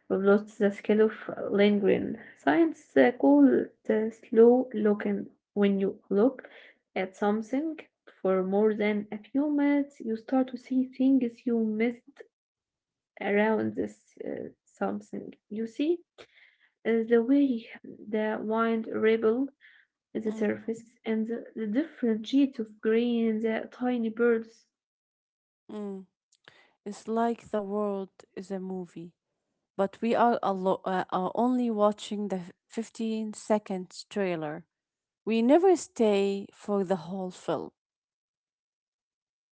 Speaker 1: We've lost the skill of lingering. Science call it slow looking. When you look at something for more than a few minutes, you start to see things you missed around this something. You see the way the wind ripple the
Speaker 2: mm
Speaker 1: surface and the different shades of green the tiny birds.
Speaker 2: mm It's like the world is a movie, but we are, are only watching the 15-second trailer. We never stay for the whole film.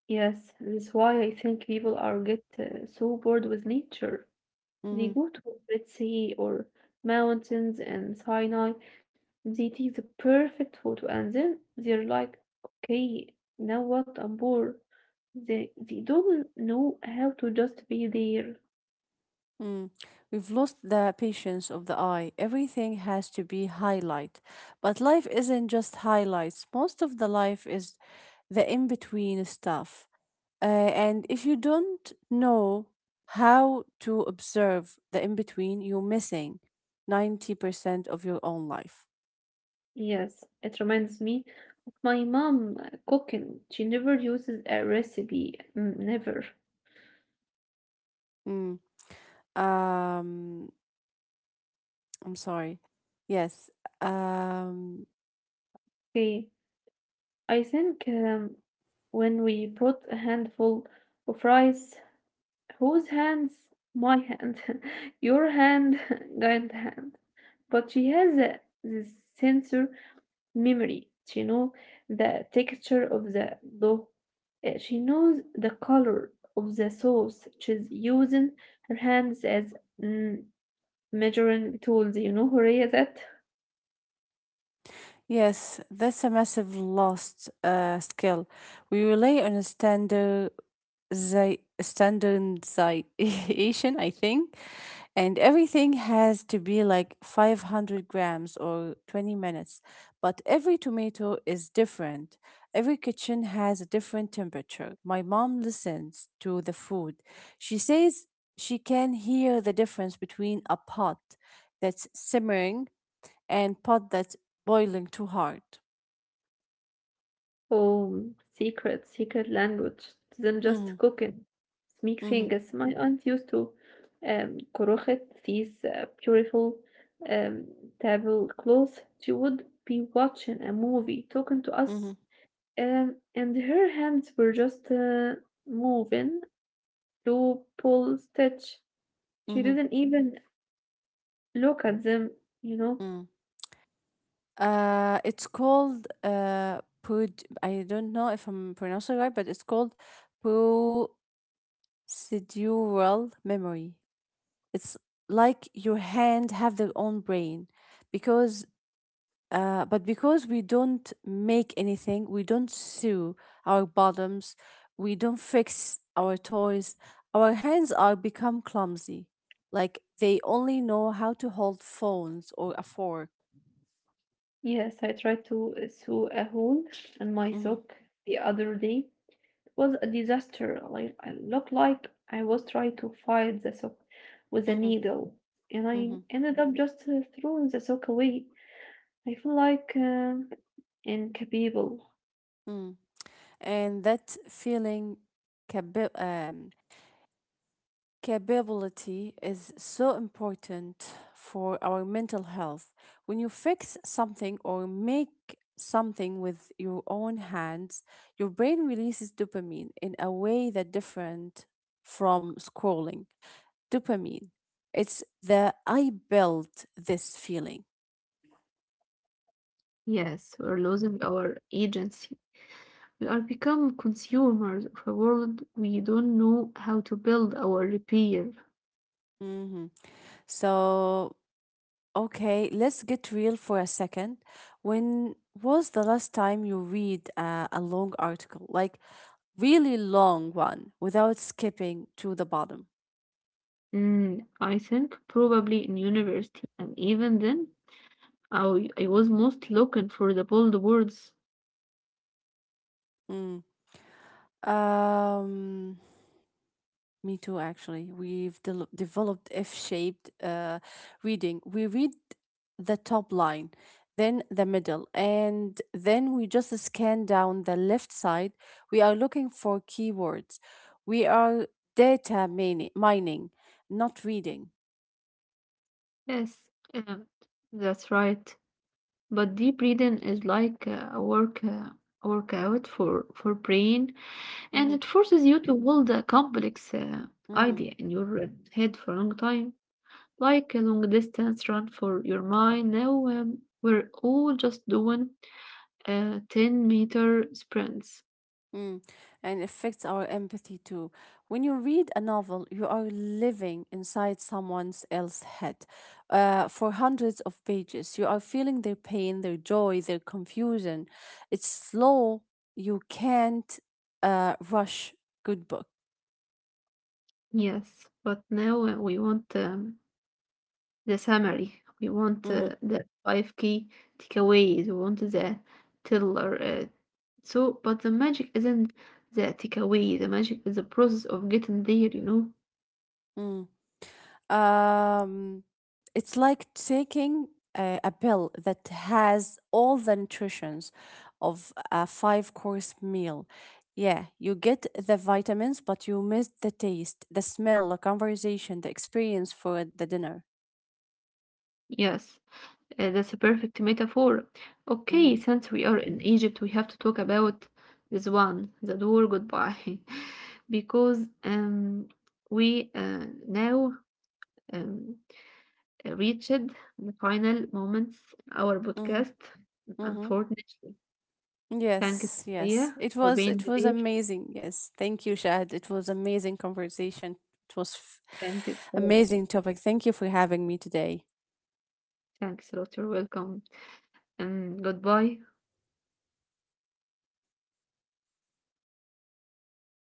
Speaker 1: Yes, that's why I think people are get so bored with nature. They
Speaker 2: Mhm.
Speaker 1: go to Red Sea or mountains and Sinai. They take the perfect photo and then they're like, okay, now what? I'm bored. They don't know how to just be there.
Speaker 2: mm. We've lost the patience of the eye. Everything has to be highlight. But life isn't just highlights. Most of the life is the in between stuff. And if you don't know how to observe the in between, you're missing 90% of your own life.
Speaker 1: Yes, it reminds me of my mom cooking. She never uses a recipe, mm, never.
Speaker 2: Mm. Um, I'm sorry. Yes. Um,
Speaker 1: Okay, I think when we bought a handful of rice. Whose hands? My hand, *laughs* your hand, *laughs* giant hand. But she has a, this sensor memory. She knows the texture of the dough. She knows the color of the sauce. She's using her hands as, mm, measuring tools. You know, Horea, that.
Speaker 2: Yes, that's a massive lost skill. We rely on a standardization, I think, and everything has to be like 500 grams or 20 minutes. But every tomato is different. Every kitchen has a different temperature. My mom listens to the food. She says she can hear the difference between a pot that's simmering and pot that's boiling too hard.
Speaker 1: Oh, secret, secret language. It isn't
Speaker 2: Mm-hmm.
Speaker 1: just cooking. It's
Speaker 2: Mm-hmm.
Speaker 1: mixing. As my aunt used to crochet these beautiful um, tablecloths. She would be watching a movie, talking to us,
Speaker 2: Mm-hmm.
Speaker 1: and her hands were just moving, to pull, stitch. She
Speaker 2: Mm-hmm.
Speaker 1: didn't even look at them, you know.
Speaker 2: Mm-hmm. It's called pud. I don't know if I'm pronouncing it right, but it's called procedural memory. It's like your hand have their own brain because but because we don't make anything, we don't sew our bottoms, we don't fix our toys, our hands are become clumsy. Like they only know how to hold phones or a fork.
Speaker 1: Yes, I tried to sew a hole in my
Speaker 2: Mm-hmm,
Speaker 1: sock the other day was a disaster. Like I looked like I was trying to fight the sock with a
Speaker 2: mm-hmm,
Speaker 1: needle, and I
Speaker 2: mm-hmm,
Speaker 1: ended up just throwing the sock away. I feel like incapable.
Speaker 2: mm. And that feeling, cab- um, capability is so important for our mental health. When you fix something or make something with your own hands, your brain releases dopamine in a way that different from scrolling. Dopamine, it's the I built this feeling.
Speaker 1: Yes, we're losing our agency. We are become consumers of a world we don't know how to build or repair.
Speaker 2: Mhm. So, okay, let's get real for a second. When was the last time you read a long article? Like, really long one without skipping to the bottom.
Speaker 1: Mm, I think probably in university, and even then, I was most looking for the bold words.
Speaker 2: Mm. Um, me too, actually. We've developed F-shaped reading. We read the top line, then the middle, and then we just scan down the left side. We are looking for keywords. We are data mining, not reading.
Speaker 1: Yes, um, that's right. But deep breathing is like a workout for brain, and it
Speaker 2: Hmm
Speaker 1: forces you to hold a complex
Speaker 2: hmm
Speaker 1: idea in your head for a long time, like a long distance run for your mind. Now we're all just doing 10 meter sprints.
Speaker 2: Mm, and affects our empathy too. When you read a novel, you are living inside someone else's head for 100s of pages. You are feeling their pain, their joy, their confusion. It's slow. You can't rush good book.
Speaker 1: Yes, but now we want the summary. We want
Speaker 2: Mhm.
Speaker 1: the five key takeaways. We want the tiller. So, but the magic isn't the takeaway. The magic is the process of getting there. You know.
Speaker 2: Mm. Um, it's like taking a pill that has all the nutritions of a five-course meal. Yeah, you get the vitamins, but you miss the taste, the smell, the conversation, the experience for the dinner.
Speaker 1: Yes, that's a perfect metaphor.
Speaker 2: Mm-hmm.
Speaker 1: Okay, since we are in Egypt, we have to talk about this one, the door goodbye, *laughs* because we now um, reached the final moments. Our
Speaker 2: Mm-hmm.
Speaker 1: podcast,
Speaker 2: Mm-hmm.
Speaker 1: unfortunately. Thanks
Speaker 2: Yes, yes.
Speaker 1: Maria,
Speaker 2: It
Speaker 1: for
Speaker 2: was
Speaker 1: being
Speaker 2: it was
Speaker 1: here.
Speaker 2: amazing. Yes. Thank you, Shahid. It was amazing conversation. It was f-
Speaker 1: Thanks a lot.
Speaker 2: amazing topic. Thank you for having me today.
Speaker 1: Thanks a lot. You're welcome. And goodbye.